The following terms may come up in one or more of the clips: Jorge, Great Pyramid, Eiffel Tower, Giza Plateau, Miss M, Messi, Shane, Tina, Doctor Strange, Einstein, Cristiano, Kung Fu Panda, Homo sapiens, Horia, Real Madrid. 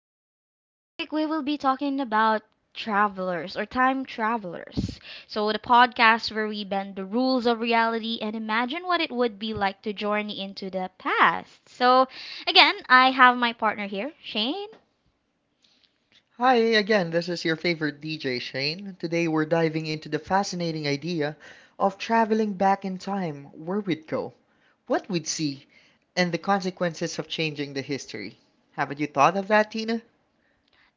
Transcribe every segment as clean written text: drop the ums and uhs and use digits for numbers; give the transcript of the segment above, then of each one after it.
for today's topic, we will be talking about travelers or time travelers. So, the podcast where we bend the rules of reality and imagine what it would be like to journey into the past. So, again, I have my partner here, Shane. Hi again, this is your favorite DJ Shane. Today we're diving into the fascinating idea of traveling back in time, where we'd go, what we'd see, and the consequences of changing the history. Haven't you thought of that, Tina?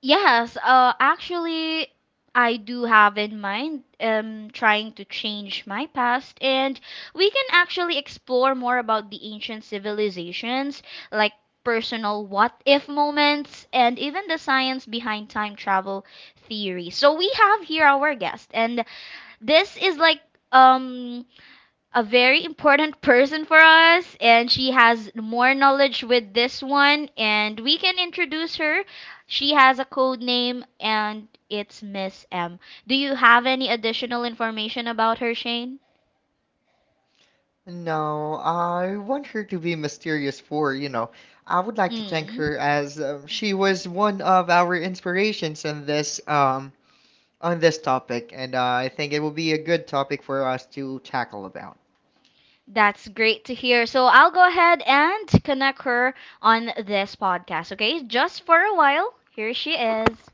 Yes, actually, I do have in mind trying to change my past, and we can actually explore more about the ancient civilizations, like personal what if moments, and even the science behind time travel theory. So we have here our guest, and this is like um a very important person for us, and she has more knowledge with this one, and we can introduce her. She has a code name, and it's Miss M. Do you have any additional information about her, Shane? No, I want her to be mysterious for, you know. I would like to thank Mm, her as she was one of our inspirations in this on this topic, and I think it will be a good topic for us to tackle about. that's great to hear. So I'll go ahead and connect her on this podcast, okay? Just for a while. Here she is.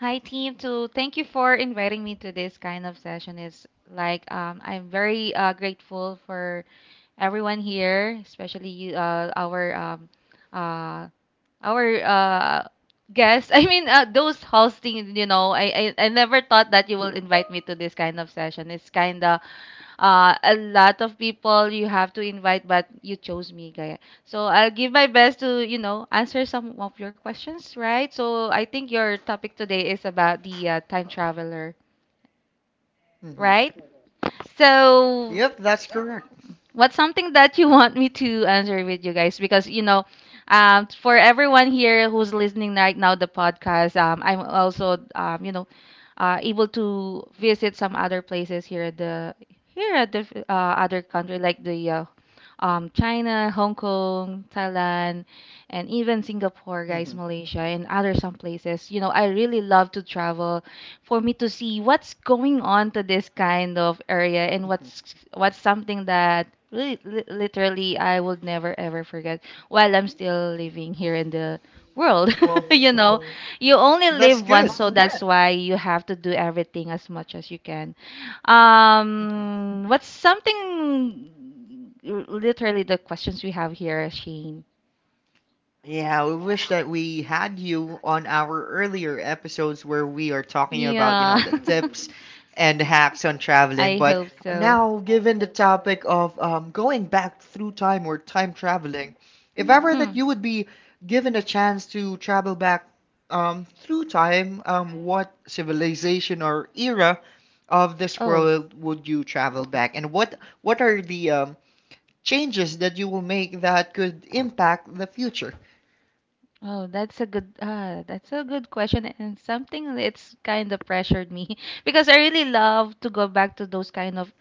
Hi team, to thank you for inviting me to this kind of session. Is like I'm very grateful for everyone here, especially you, uh, our guests. I mean, those hosting. I never thought that you will invite me to this kind of session. It's kind of a lot of people you have to invite, but you chose me, guy. So I'll give my best to answer some of your questions, right? So I think your topic today is about the time traveler. Hmm. Right? So Yep, that's correct. what's something that you want me to answer with you guys? Because for everyone here who's listening right now the podcast, I'm also able to visit some other places here at the other country like the China, Hong Kong, Thailand, and even Singapore, guys, Hmm. Malaysia, and other some places. You know, I really love to travel for me to see what's going on to this kind of area and Hmm. what's something that really, literally I will never ever forget while I'm still living here in the world. Well, So, you You know, you only that's live once, good. so that's why you have to do everything as much as you can. Hmm. What's something literally the questions we have here, Shane? Yeah, we wish that we had you on our earlier episodes where we are talking about, you Yeah, know, the tips and hacks on traveling. I But hope so. now, given the topic of going back through time or time traveling, if ever, mhm, that Mm. you would be given a chance to travel back through time, what civilization or era of this Oh, world would you travel back, and what are the changes that you will make that could impact the future? oh, that's a good question and something that's kind of pressured me because I really love to go back to those kind of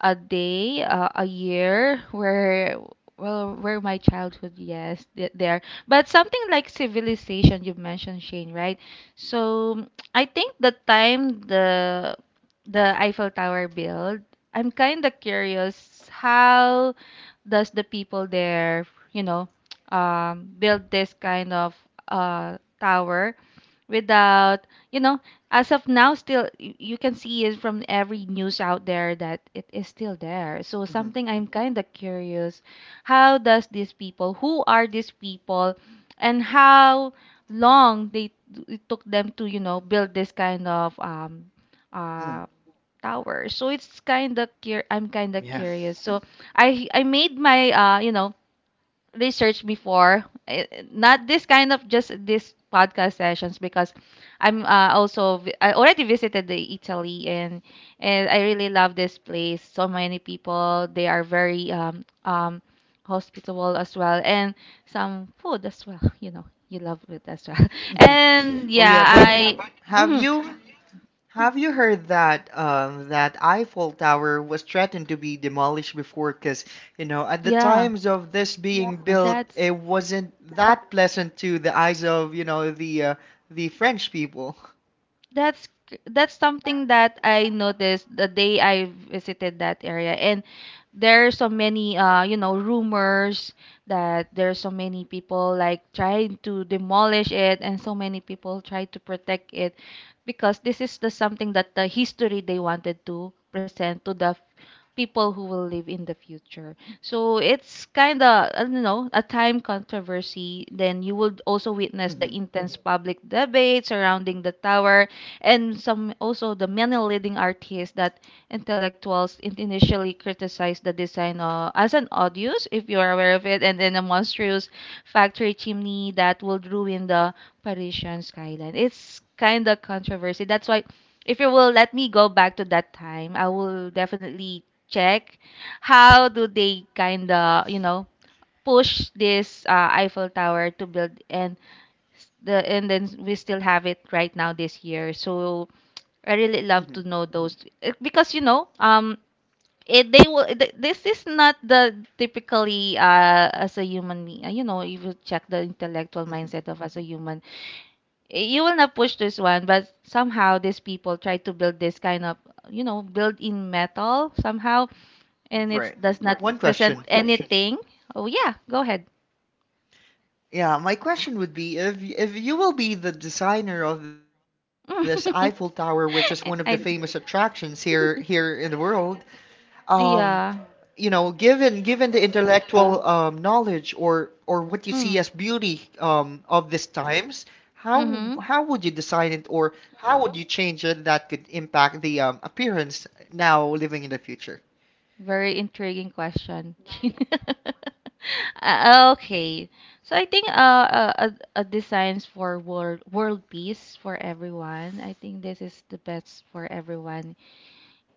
a day, a year where well where my childhood yes there but something like civilization you mentioned Shane right so I think the time the Eiffel Tower build. I'm kind of curious how does the people there, build this kind of tower without, you know, as of now still, you can see it from every news out there that it is still there, so Hmm. something I'm kind of curious how does these people, who are these people, and how long they, it took them to, you know, build this kind of Hmm. uh tower. So it's kind of I'm kind of Yeah. curious. So I made my research before, not this kind of just this podcast sessions, because I'm also I already visited the Italy, and I really love this place. So many people, they are very hospitable as well, and some food as well. You know, you love it as well. Hmm. And Oh yeah, yeah, but I have mhm, you have you heard that that Eiffel Tower was threatened to be demolished before? Because you know, at the yeah, times of this being built, that's it wasn't that pleasant to the eyes of, you know, the French people. That's something that I noticed the day I visited that area, and there are so many rumors that there are so many people like trying to demolish it, and so many people try to protect it, because this is the something that the history they wanted to present to the people who will live in the future. So it's kind of, I don't know, a time controversy. Then you would also witness the Hmm. intense public debate surrounding the tower, and some also the many leading artists that intellectuals initially criticized the design as an odious, if you are aware of it, and then a monstrous factory chimney that will ruin the Parisian skyline. It's kind of controversy. That's why, if you will let me go back to that time, I will definitely check how do they kind of, you know, push this Eiffel Tower to build, and the and then we still have it right now this year. So I really love Hmm. to know those, because you know, it, they will. This is not the typically as a human, you know, if you check the intellectual Hmm. mindset of as a human, you will not push this one. But somehow these people try to build this kind of, you know, build in metal somehow, and it Right. does not One present question. anything. Oh yeah, go ahead. Yeah, my question would be, if you will be the designer of this Eiffel Tower, which is one of the famous I, attractions here, here in the world, um, yeah. you know, given the intellectual knowledge or what you see Mm. as beauty of these times, how Mm-hmm. how would you design it, or how would you change it that could impact the appearance now living in the future? Very intriguing question. Okay. So I think uh, uh, designs for world peace for everyone. I think this is the best for everyone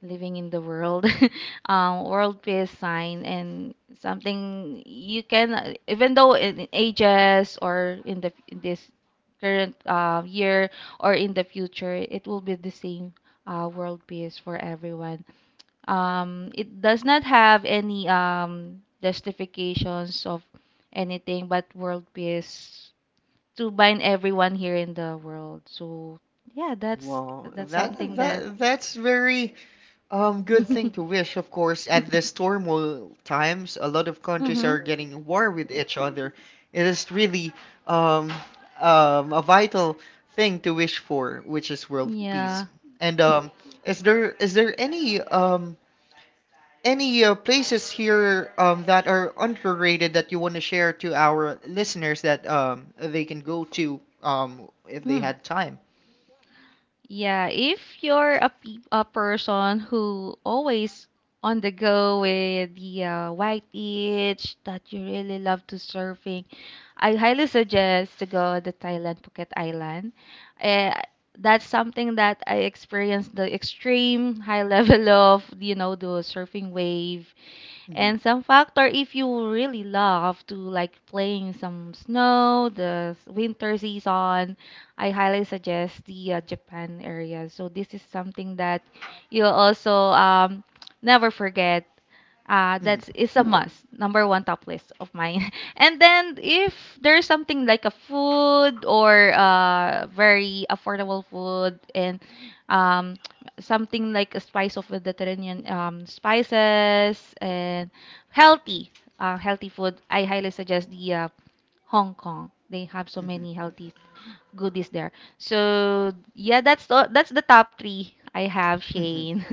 living in the world. World peace sign and something you can, even though in ages or in this current year or in the future, it will be the same world peace for everyone. It does not have any justifications of anything but world peace to bind everyone here in the world. So yeah, Well, that's that something that. that that's very good thing to wish, of course. At this turmoil times, a lot of countries Mm-hmm. are getting at war with each other. It is really um, a vital thing to wish for, which is world peace. Yeah. And is there any places here that are underrated that you want to share to our listeners that they can go to if they Mm. had time? Yeah, if you're a, pe a person who always on the go with the white beach that you really love to surfing, I highly suggest to go to Thailand, Phuket Island. Uh, that's something that I experienced the extreme high level of, you know, the surfing wave and some Hmm. factor, if you really love to like playing some snow, the winter season, I highly suggest the Japan area. So this is something that you'll also never forget. That's Hmm. is a must. Number one top list of mine. And then if there's something like a food or very affordable food and um something like a spice of Mediterranean spices and healthy healthy food, I highly suggest the Hong Kong. They have so many Hmm. healthy goodies there. So yeah, that's the top three I have, Shane. Hmm.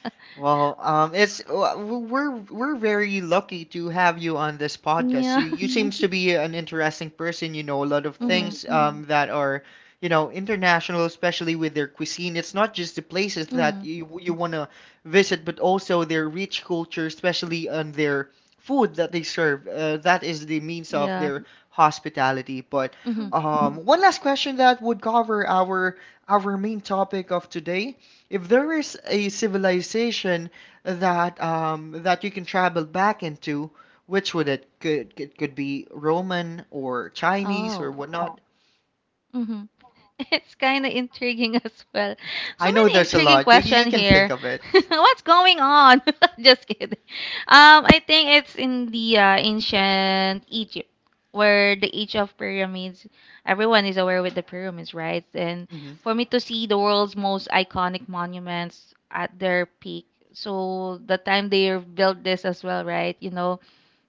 Well, we're very lucky to have you on this podcast. Yeah. You seems to be an interesting person. You know a lot of Mm-hmm. things, mm, that are, you know, international, especially with their cuisine. It's not just the places Mm-hmm. that you want to visit, but also their rich culture, especially on their food that they serve. That is the means of Yeah. their hospitality. But Mm-hmm. Mm. One last question that would cover our main topic of today. If there is a civilization that that you can travel back into, which would it could be Roman or Chinese Oh. or whatnot? Mm-hmm. It's kind of intriguing as well. So I know many there's a intriguing lot. You question you can think here. of it. What's going on? Just kidding. I think it's in the ancient Egypt, where the age of pyramids. Everyone is aware with the pyramids, right? And Hmm. for me to see the world's most iconic monuments at their peak. So the time they built this as well, right? You know,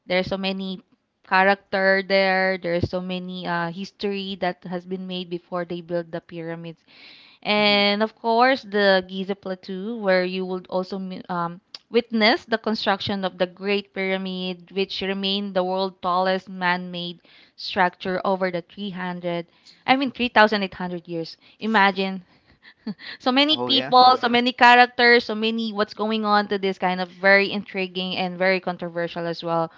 there's so many character there. There's so many history that has been made before they built the pyramids. Hmm. And of course, the Giza Plateau, where you would also um, witness the construction of the Great Pyramid, which remained the world's tallest man-made structure over the 300, I mean Hmm. 3,800 years. Imagine. So many Oh yeah. people, so many characters, so many what's going on to this kind of very intriguing and very controversial as well,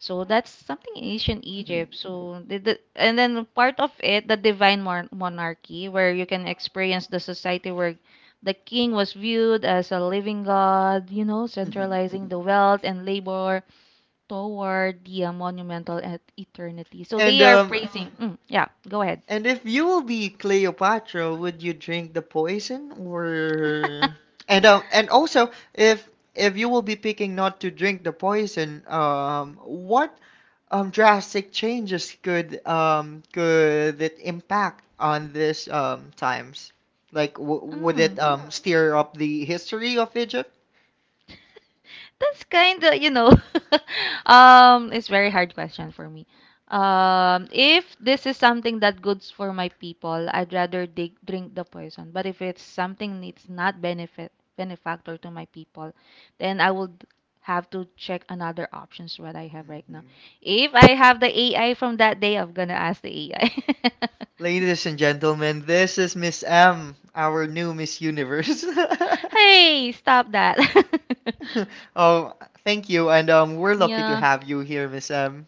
so that's something in ancient Hmm. Egypt. So and then part of it, the divine monarchy, where you can experience the society where the king was viewed as a living god, you know, Hmm. centralizing the wealth and labor toward the monumental eternity. So And they are praising. Mm, yeah, go ahead. If you will be Cleopatra, would you drink the poison? Or and also If you will be picking not to drink the poison, um, what drastic changes could, could it impact on this, times? Like, w- would Mm. it, yeah, steer up the history of Egypt? That's kind of, you know, it's very hard question for me. If this is something that goods for my people, I'd rather drink the poison, but if it's something it's not benefit benefactor to my people, then I would have to check another options what I have right now. Hmm. If I have the AI from that day, I'm gonna ask the AI. Ladies and gentlemen, this is Miss M, our new Miss Universe. Hey, stop that. Oh, thank you, and we're lucky to Yeah. have you here, Miss M.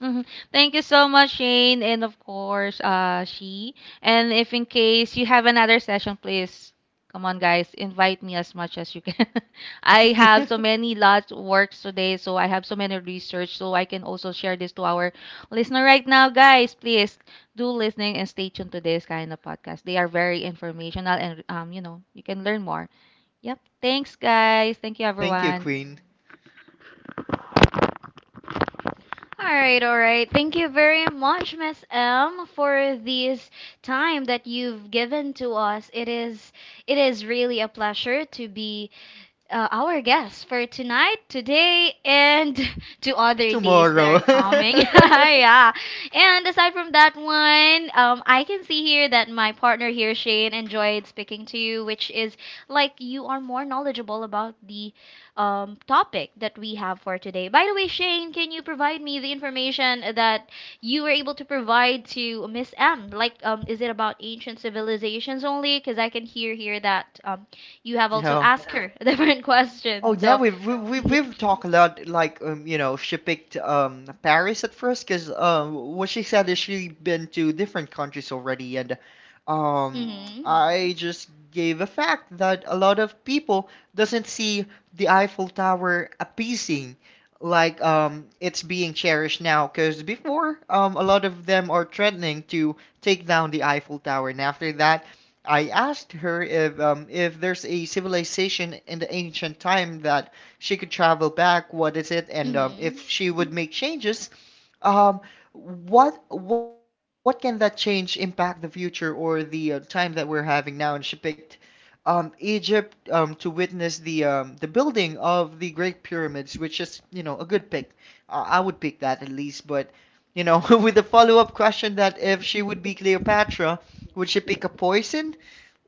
Hmm. Thank you so much, Shane, and of course, she. And if in case you have another session, please come on, guys, invite me as much as you can. I have so many lots of works today, so I have so many research, so I can also share this to our listener right now, guys. Please do listening and stay tuned to this kind of podcast. They are very informational, and you know, you can learn more. Yep. Thanks, guys. Thank you, Thank you, everyone. Queen. All right, all right. Thank you very much, Miss M, for this time that you've given to us. It is really a pleasure to be our guest for tonight, today, and to other days that Tomorrow. yeah. And aside from that one, I can see here that my partner here, Shane, enjoyed speaking to you, which is like you are more knowledgeable about the topic that we have for today. By the way, Shane, can you provide me the information that you were able to provide to Miss M? Like, is it about ancient civilizations only? Because I can hear here that you have also No, asked her a different Oh question. yeah, So, we've we- mm-hmm, we've talked a lot. Like, you know, she picked, um, Paris at first because um, what she said is she been to different countries already, and um, mm-hmm, I just gave a fact that a lot of people doesn't see the Eiffel Tower appeasing, like, um, it's being cherished now. Because before, um, a lot of them are threatening to take down the Eiffel Tower, and after that I asked her if, if there's a civilization in the ancient time that she could travel back, what is it, and mm-hmm, if she would make changes, um, what can that change impact the future or the time that we're having now? And she picked, Egypt, to witness the building of the Great Pyramids, which is, you know, a good pick. I would pick that at least, but you know, with the follow-up question that if she would be Cleopatra, would she pick a poison?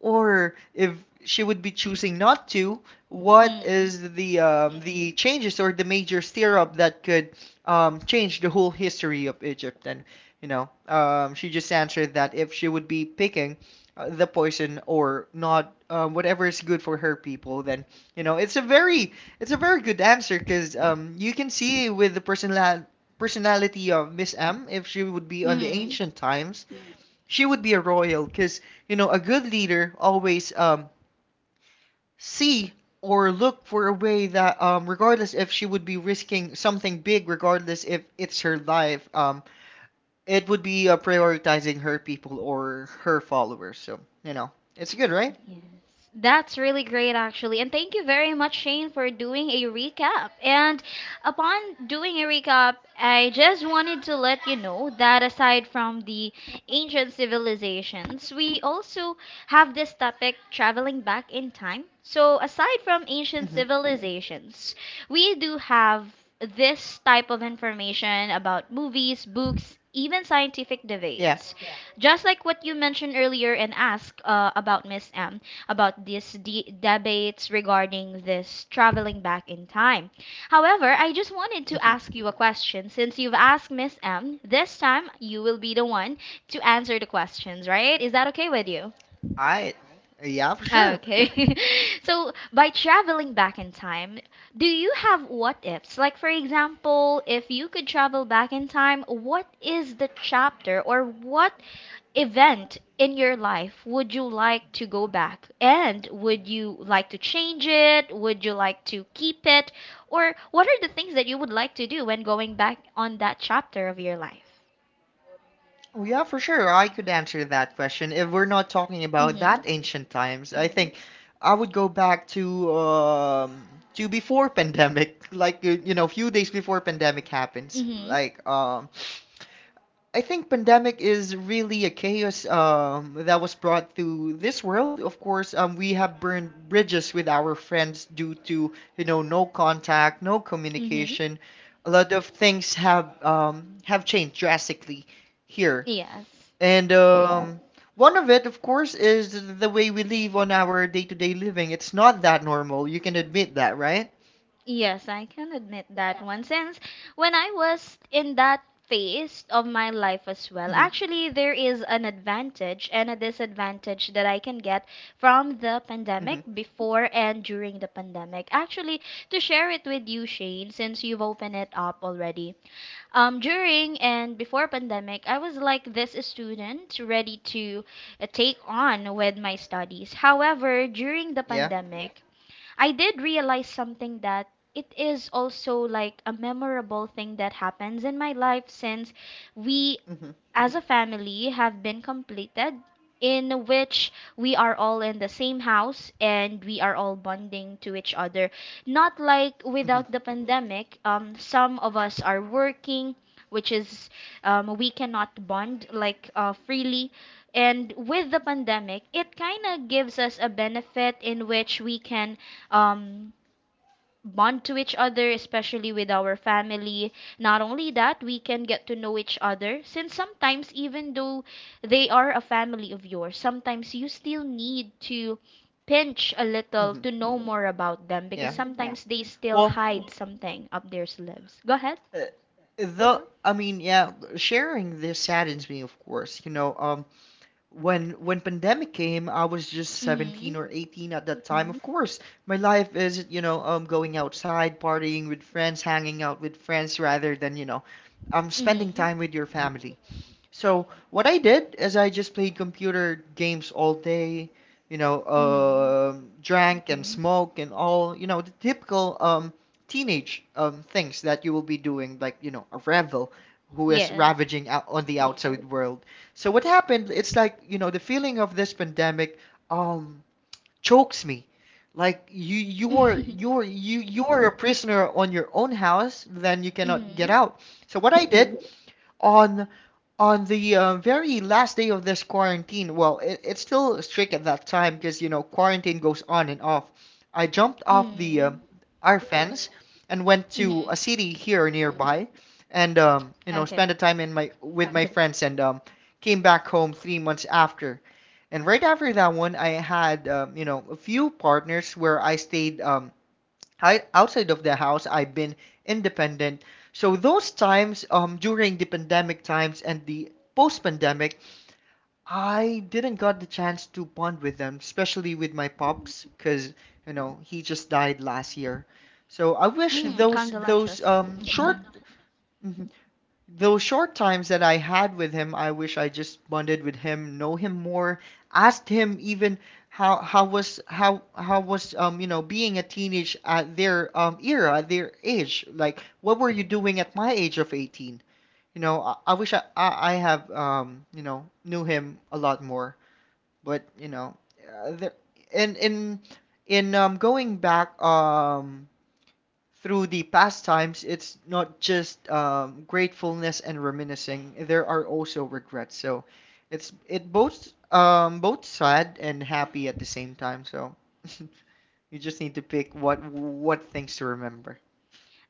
Or if she would be choosing not to, what mm-hmm. is the, the changes or the major stir-up that could, change the whole history of Egypt? And you know, she just answered that if she would be picking the poison or not, whatever is good for her people, then you know, it's a very good answer because you can see with the personality of Miss M, if she would be on the Mm-hmm. ancient times, she would be a royal because, you know, a good leader always, see or look for a way that, regardless if she would be risking something big, regardless if it's her life, it would be prioritizing her people or her followers. So, you know, it's good, right? Yes, that's really great, actually. And thank you very much, Shane, for doing a recap. And upon doing a recap, I just wanted to let you know that aside from the ancient civilizations, we also have this topic traveling back in time. So, aside from ancient Hmm. civilizations, we do have this type of information about movies, books, even scientific Yeah. debates just like what you mentioned earlier and asked about Miss M about these debates regarding this traveling back in time. However, I just wanted to Hmm. ask you a question since you've asked Miss M. This time you will be the one to answer the questions, right? Is that okay with you? I, yeah, for sure. Okay. So, by traveling back in time, do you have what ifs? Like, for example, if you could travel back in time, what is the chapter or what event in your life would you like to go back? And would you like to change it? Would you like to keep it? Or what are the things that you would like to do when going back on that chapter of your life? Oh, yeah, for sure. I could answer that question. If we're not talking about that ancient times, I think I would go back to, to before pandemic, like, you know, few days before pandemic happens. Mm-hmm. Like, I think pandemic is really a chaos, that was brought to this world. Of course, we have burned bridges with our friends due to, you know, no contact, no Mm-hmm. communication. A lot of things have, have changed drastically here, Yes. and one of it, of course, is the way we live on our day-to-day living. It's not that normal. You can admit that, right? Yes, I can admit that one. Since when I was in that phase of my life as well, Mm-hmm. actually, there is an advantage and a disadvantage that I can get from the Mm-hmm. pandemic before and during the pandemic. Actually, to share it with you, Shane, since you've opened it up already. During and before pandemic, I was like this student ready to take on with my studies. However, during the Yeah. pandemic, I did realize something that it is also like a memorable thing that happens in my life since we Mm-hmm. as a family have been completed, in which we are all in the same house and we are all bonding to each other. Not like Mm-hmm. without the pandemic, some of us are working, which is we cannot bond like freely. And with the pandemic, it kind of gives us a benefit in which we can um, bond to each other, especially with our family. Not only that, we can get to know each other since sometimes, even though they are a family of yours, sometimes you still need to pinch a little Mm-hmm. to know more about them because Yeah. sometimes they still Well, hide something up their sleeves. Go ahead. uh, yeah, sharing this saddens me, of course. You know, when pandemic came, I was just Hmm. 17 or 18 at that time. Of course, my life is, you know, going outside, partying with friends, hanging out with friends, rather than, you know, Hmm. Mm spending hmm. time with your family. So what I did is I just played computer games all day, you know, Mm. um, drank and, mm, smoked and all, you know, the typical teenage things that you will be doing, like, you know, a rebel who is Yes. ravaging out on the outside world. So what happened, it's like, you know, the feeling of this pandemic um, chokes me. Like you were, you were, you are a prisoner on your own house, then you Hmm. cannot get Hmm. out. So what I did on the very last day of this quarantine, well, it's still strict at that time because you know quarantine goes on and off. I jumped off the Mm our fence and went hmm. Mm to hmm. a city here nearby, and you know, Okay. spent the time in my with my friends, and came back home 3 months after. And right after that one, I had, you know, a few partners where I stayed, outside of the house. I've been independent. So those times during the pandemic times and the post-pandemic, I didn't got the chance to bond with them, especially with my pops, because you know he just died last year. So I wish Mm, those condolences. Mm hmm. short those short times that I had with him, I wish I just bonded with him, know him more, asked him even how was um, you know, being a teenage at their um, era, at their age. Like, what were you doing at my age of 18? You know, I wish I have um, you know, knew him a lot more, but you know, there and in going back um, through the pastimes, it's not just gratefulness and reminiscing. There are also regrets. So it both both sad and happy at the same time. So you just need to pick what things to remember.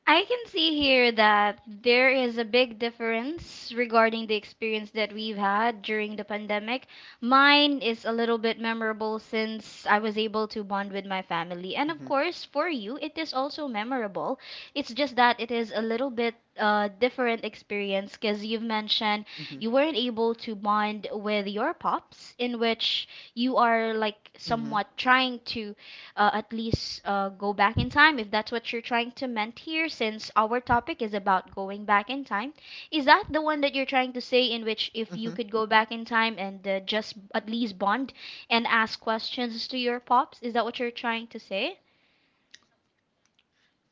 I can see here that there is a big difference regarding the experience that we've had during the pandemic. Mine is a little bit memorable since I was able to bond with my family. And of Hmm. course, for you, it is also memorable. It's just that it is a little bit different experience because you've mentioned you Hmm. weren't able to bond with your pops, in which you are like Hmm. somewhat trying to at least go back in time, if that's what you're trying to meant here, since our topic is about going back in time. Is that the one that you're trying to say, in which if Hmm. you could go back in time and just at least bond and ask questions to your pops? Is that what you're trying to say?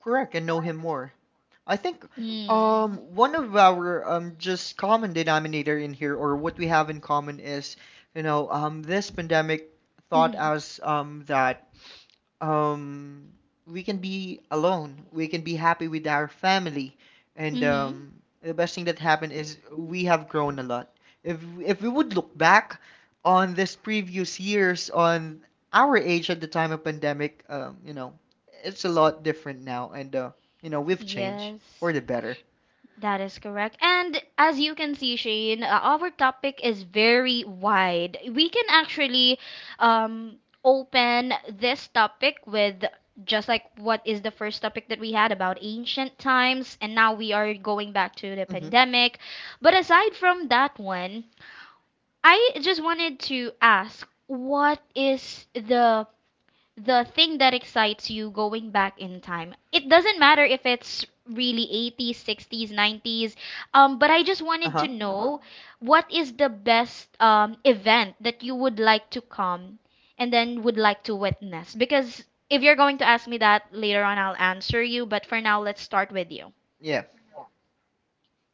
Correct, and know him more. I think um, Mm. one of our um, just common denominator in here, or what we have in common is, you know, um, this pandemic taught Mm-hmm. us um, that um, we can be alone. We can be happy with our family. And Mm-hmm. The best thing that happened is we have grown a lot. If if we would look back on this previous years on our age at the time of pandemic, you know, it's a lot different now, and you know, we've changed Yes. for the better. That is correct. And as you can see, Shane, our topic is very wide. We can actually um, open this topic with just like what is the first topic that we had about ancient times, and now we are going back to the Hmm pandemic. But aside from that one, I just wanted to ask what is the thing that excites you going back in time. It doesn't matter if it's really 80s, 60s, 90s, but I just wanted to Uh-huh. know what is the best event that you would like to come and then would like to witness? Because if you're going to ask me that later on, I'll answer you, but for now, let's start with you. Yeah.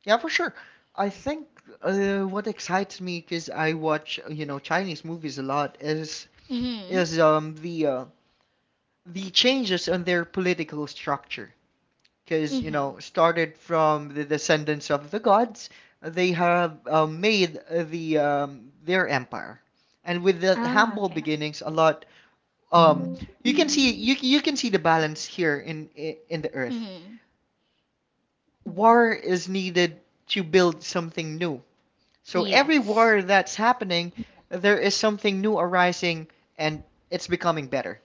Yeah, for sure. I think what excites me because I watch, you know, Chinese movies a lot is Mm-hmm. is the changes on their political structure because you Mm-hmm. know started from the descendants of the gods. They have made their empire, and with the Ah, humble okay. beginnings a lot. um, you can see the balance here in the earth. Mm-hmm. War is needed to build something new, so every Yes, war that's happening, there is something new arising, and it's becoming better.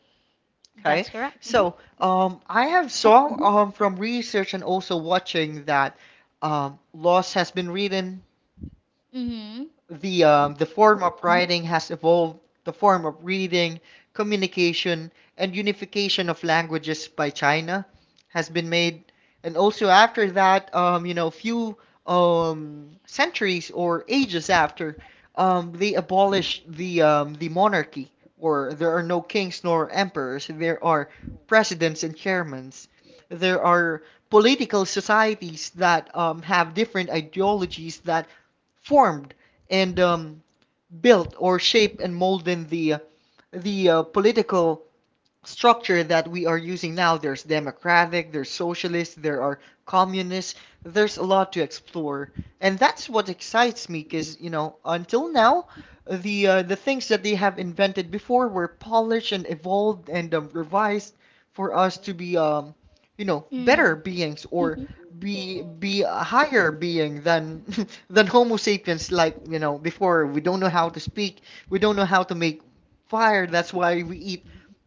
Okay. that's correct. Mm-hmm. So, I have saw from research and also watching that laws has been written, Mm-hmm. The form of writing has evolved, the form of reading, communication, and unification of languages by China has been made. And also after that, you know, few centuries or ages after, they abolished the monarchy, or there are no kings nor emperors. There are presidents and chairmen. There are political societies that have different ideologies that formed, and built or shaped and molded the political structure that we are using now. There's democratic, there's socialist, there are communists. There's a lot to explore, and that's what excites me. Because you know, until now, the things that they have invented before were polished and evolved and revised for us to be, you know, better beings or Mm-hmm. be a higher being than than Homo sapiens. Like you know, before we don't know how to speak, we don't know how to make fire. That's why we eat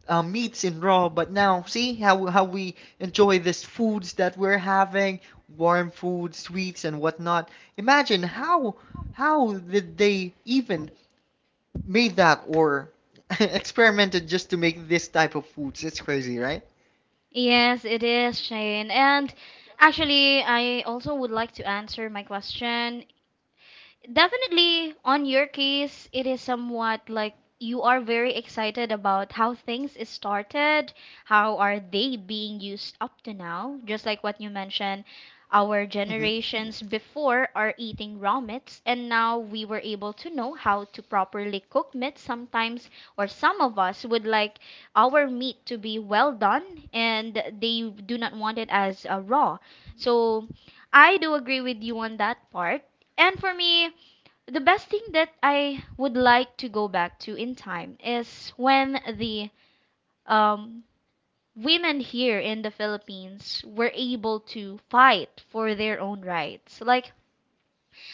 meats in raw, but now see how we enjoy this foods that we're having, warm food, sweets and whatnot. Imagine how did they even made that or experimented just to make this type of foods? It's crazy, right? Yes, it is, Shane. And actually, I also would like to answer my question. Definitely, on your case, it is somewhat like you are very excited about how things is started, how are they being used up to now? Just like what you mentioned, our Mhm. generations before are eating raw meats, and now we were able to know how to properly cook meat. Sometimes, or some of us would like our meat to be well done, and they do not want it as raw. So, I do agree with you on that part. And for me, the best thing that I would like to go back to in time is when the um, women here in the Philippines were able to fight for their own rights. Like,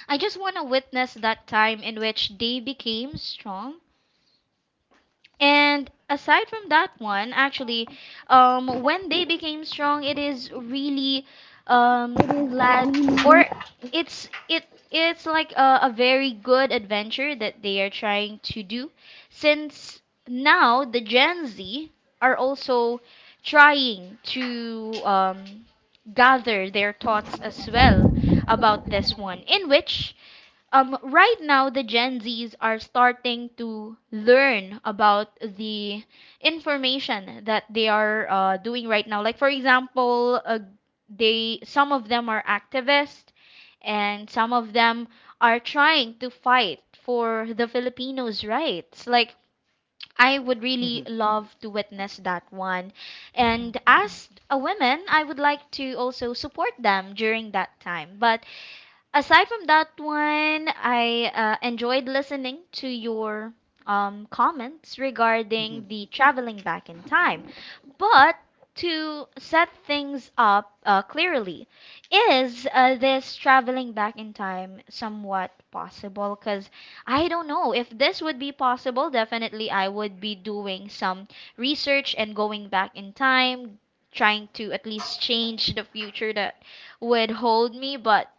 I just want to witness that time in which they became strong. And aside from that one, actually, when they became strong, it is really glad or it's it's like a very good adventure that they are trying to do, since now the Gen Z are also trying to gather their thoughts as well about this one, in which right now the Gen Zs are starting to learn about the information that they are doing right now. Like for example, they some of them are activists, and some of them are trying to fight for the Filipinos' rights. Like I would really love Mhm. to witness that one. And as a woman, I would like to also support them during that time. But aside from that one, I enjoyed listening to your comments regarding the Mhm. traveling back in time. But to set things up clearly, is this traveling back in time somewhat possible? Because I don't know. If this would be possible, definitely I would be doing some research and going back in time, trying to at least change the future that would hold me. But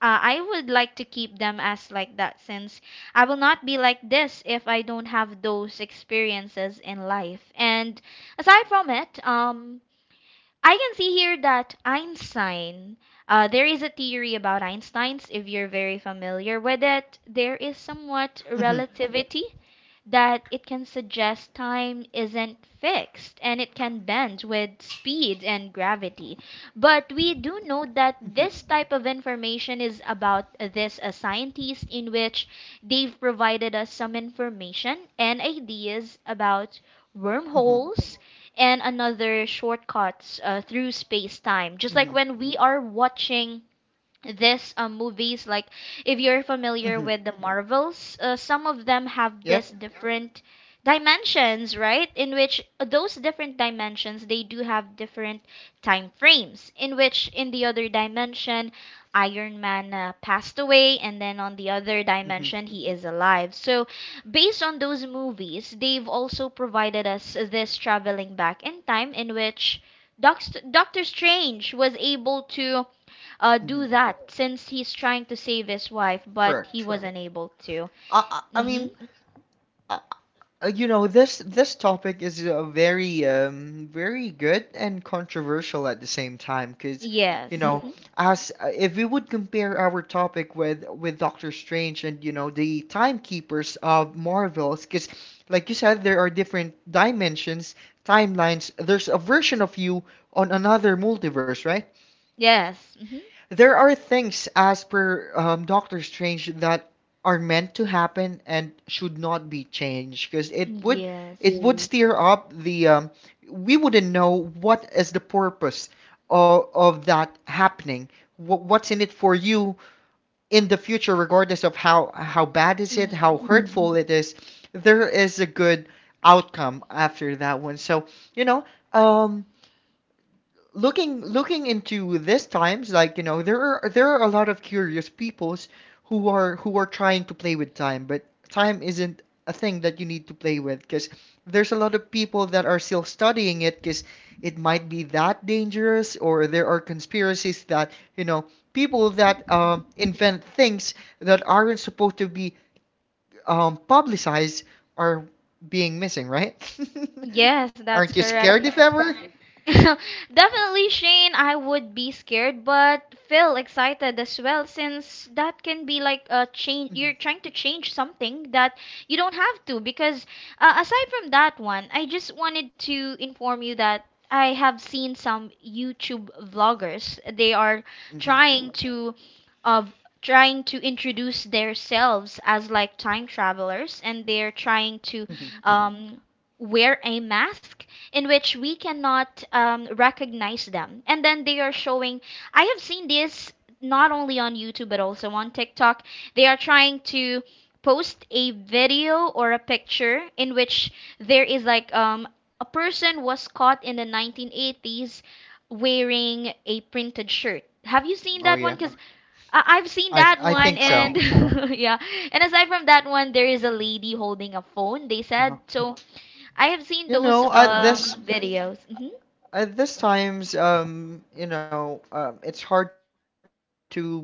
I would like to keep them as like that since I will not be like this if I don't have those experiences in life. And aside from it, I can see here that Einstein, there is a theory about Einstein's, if you're very familiar with it. There is somewhat Mhm. relativity that it can suggest time isn't fixed and it can bend with speed and gravity. But we do know that Mhm. this type of information is about this scientist in which they've provided us some information and ideas about Mhm. wormholes and another shortcuts through space-time. Mhm. Just like when we are watching this movies like if you're Mhm. familiar with the marvels, some of them have Yep. this different dimensions, right, in which those different dimensions they do have different time frames in which in the other dimension Iron Man passed away and then on the other Mhm. dimension he is alive. So based on those movies they've also provided us this traveling back in time in which Doctor Strange was able to Mhm. do that since he's trying to save his wife, but he Correct. wasn't able to. I I I Hmm. mean. uh, you know, this topic is very very good and controversial at the same time, because you Yes. know, Hmm. as if we would compare our topic with Doctor Strange and you know the timekeepers of Marvels. Because like you said, there are different dimensions, timelines. There's a version of you on another multiverse, right? Yes. Hmm. There are things, as per Doctor Strange, that are meant to happen and should not be changed because it would it Yes. would Mm. steer up the. We wouldn't know what is the purpose of that happening. What's in it for you in the future, regardless of how bad is it, how Hmm. hurtful Mm. it is. There is a good outcome after that one. So you know. Um, looking into this times, like you know, there are a lot of curious peoples who are trying to play with time, but time isn't a thing that you need to play with, because there's a lot of people that are still studying it, because it might be that dangerous, or there are conspiracies that you know people that invent things that aren't supposed to be publicized are being missing, right? Yes, Aren't that's you correct. scared if ever? Definitely, Shane, I would be scared, but feel excited as well since that can be like a change. You're trying to change something that you don't have to. Because aside from that one, I just wanted to inform you that I have seen some YouTube vloggers. They hmm are hmm trying to of trying to introduce themselves as like time travelers and they're trying to hmm um, wear a mask in which we cannot recognize them. And then they are showing, I have seen this not only on YouTube but also on TikTok. They are trying to post a video or a picture in which there is like a person was caught in the 1980s wearing a printed shirt. Have you seen Oh that yeah, one? Because I've seen that I one. think so. Yeah. And aside from that one, there is a lady holding a phone, they Uh-huh. said. So I have seen You those know, at So this videos. Mhm. at this times, you know, it's hard to believe what is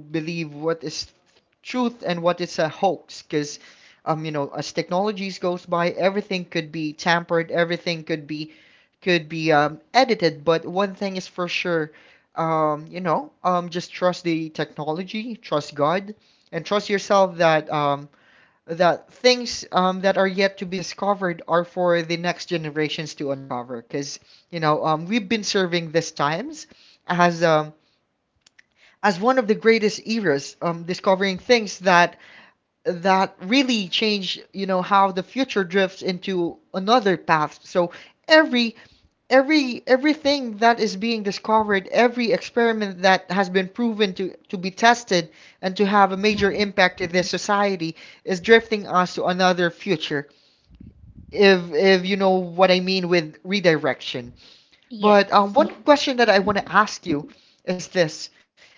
truth and what is a hoax, because, you know, as technologies goes by, everything could be tampered, everything could be edited. But one thing is for sure, you know, just trust the technology, trust God, and trust yourself that that things that are yet to be discovered are for the next generations to uncover. Because you know, we've been serving these times as um, as one of the greatest eras, discovering things that that really change, you know, how the future drifts into another path. So every every everything that is being discovered, every experiment that has been proven to be tested and to have a major impact in this society is drifting us to another future. If you know what I mean with redirection. But Yes. one Yeah. question that I want to ask you is this: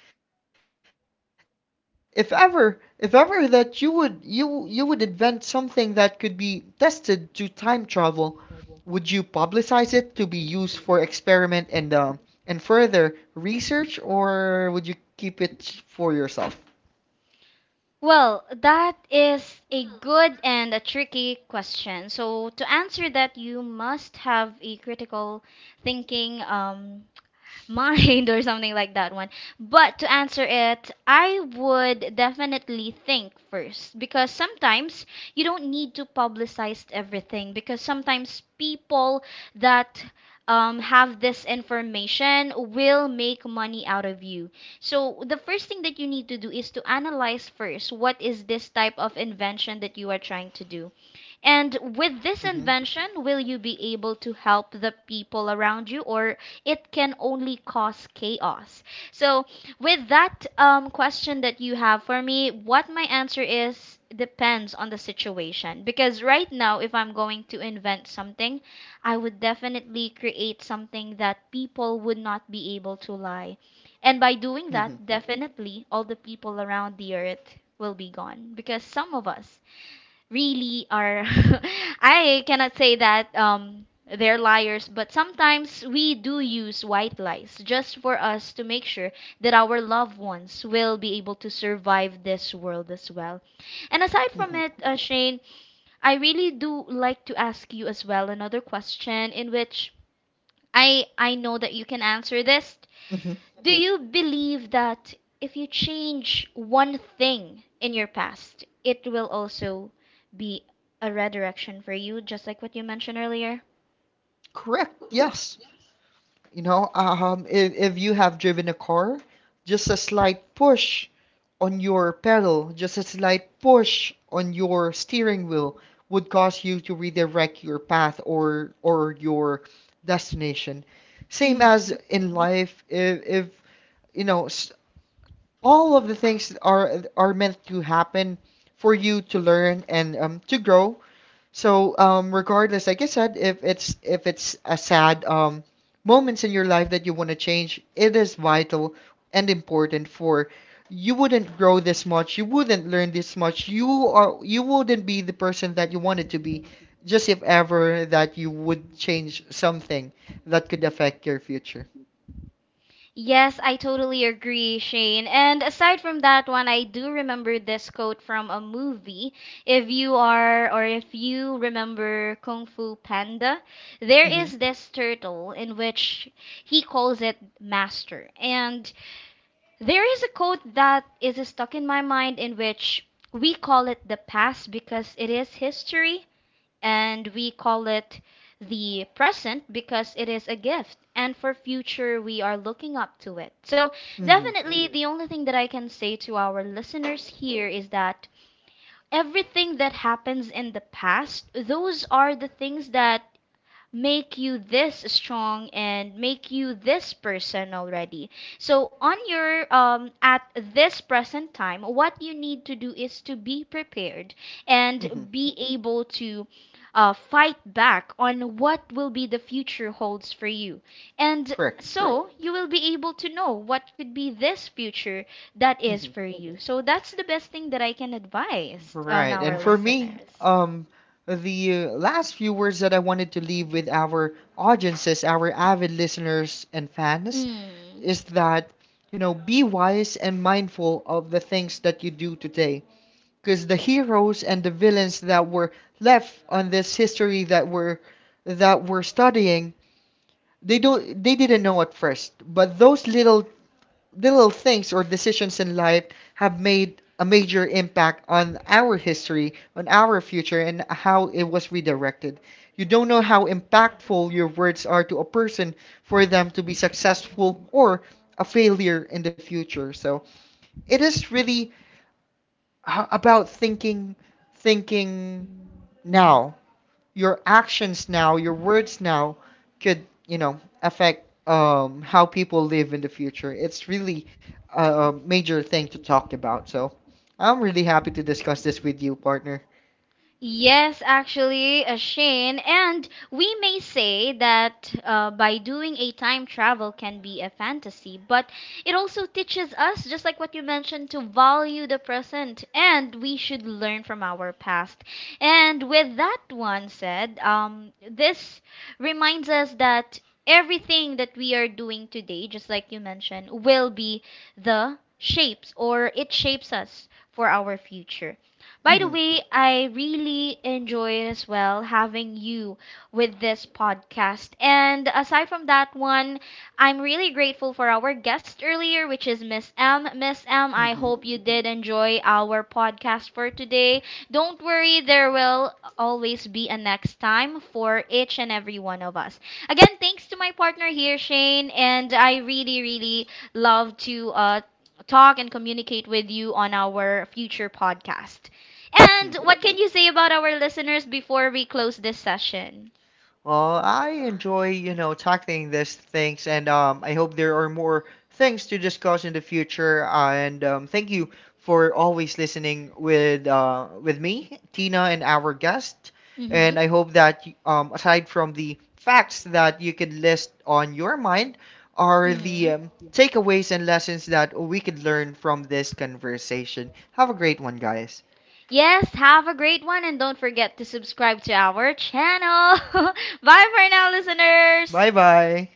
if ever that you would invent something that could be tested to time travel, would you publicize it to be used for experiment and further research, or would you keep it for yourself? Well, that is a good and a tricky question. So, to answer that, you must have a critical thinking mind or something like that one. But to answer it, I would definitely think first, because sometimes you don't need to publicize everything, because sometimes people that have this information will make money out of you. So the first thing that you need to do is to analyze first what is this type of invention that you are trying to do. And Hmm with this invention, will you be able to help the people around you, or it can only cause chaos? So, with that question that you have for me, what my answer is depends on the situation. Because right now, if I'm going to invent something, I would definitely create something that people would not be able to lie. And by hmm doing that, definitely all the people around the earth will be gone because some of us really are. I cannot say that they're liars, but sometimes we do use white lies just for us to make sure that our loved ones will be able to survive this world as well. And aside from hmm it, Shane, I really do like to ask you as well another question in which I know that you can answer this. hmm Do you believe that if you change one thing in your past, it will also be a redirection for you, just like what you mentioned earlier? Correct. Yes. You know, if you have driven a car, just a slight push on your pedal, just a slight push on your steering wheel would cause you to redirect your path or your destination. Same as Hmm. in life, if you know all of the things are meant to happen for you to learn and to grow. So, regardless, like I said, if it's a sad moments in your life that you want to change, it is vital and important. For you wouldn't grow this much, you wouldn't learn this much, you wouldn't be the person that you wanted to be, just if ever that you would change something that could affect your future. Yes, I totally agree, Shane. And aside from that one, I do remember this quote from a movie. If you are, or if you remember Kung Fu Panda, there Mm-hmm. is this turtle in which he calls it master. And there is a quote that is stuck in my mind, in which we call it the past because it is history, and we call it the present because it is a gift, and for future we are looking up to it. So, Mm-hmm. definitely, the only thing that I can say to our listeners here is that everything that happens in the past, those are the things that make you this strong and make you this person already. So on your at this present time, what you need to do is to be prepared Mm-hmm. and be able to fight back on what will be the future holds for you. And Correct. so you will be able to know what could be this future that is Mm-hmm. for you. So that's the best thing that I can advise on Right. And our for me, listeners. The last few words that I wanted to leave with our audiences, our avid listeners and fans, Mm. is that, you know, be wise and mindful of the things that you do today. Because the heroes and the villains that were left on this history that were that we're studying, they didn't know at first. But those little things or decisions in life have made a major impact on our history, on our future, and how it was redirected. You don't know how impactful your words are to a person for them to be successful or a failure in the future. So it is really about thinking, thinking now, your actions now, your words now could, you know, affect how people live in the future. It's really a major thing to talk about. So I'm really happy to discuss this with you, partner. Yes, actually, Shane, and we may say that by doing a time travel can be a fantasy, but it also teaches us, just like what you mentioned, to value the present, and we should learn from our past. And with that one said, this reminds us that everything that we are doing today, just like you mentioned, will be the shapes, or it shapes us for our future. By the Mm-hmm. way, I really enjoyed as well having you with this podcast. And aside from that one, I'm really grateful for our guest earlier, which is Miss M. Miss M, I Mm-hmm. hope you did enjoy our podcast for today. Don't worry, there will always be a next time for each and every one of us. Again, thanks to my partner here, Shane, and I really, really love to talk and communicate with you on our future podcast. Mm-hmm. And what can you say about our listeners before we close this session? Well, I enjoy, you know, tackling these things, and I hope there are more things to discuss in the future. And thank you for always listening with me, Tina, and our guest. Mm-hmm. And I hope that aside from the facts that you could list on your mind, are Mm-hmm. the takeaways and lessons that we could learn from this conversation. Have a great one, guys. Yes, have a great one, and don't forget to subscribe to our channel. Bye for now, Bye listeners. bye.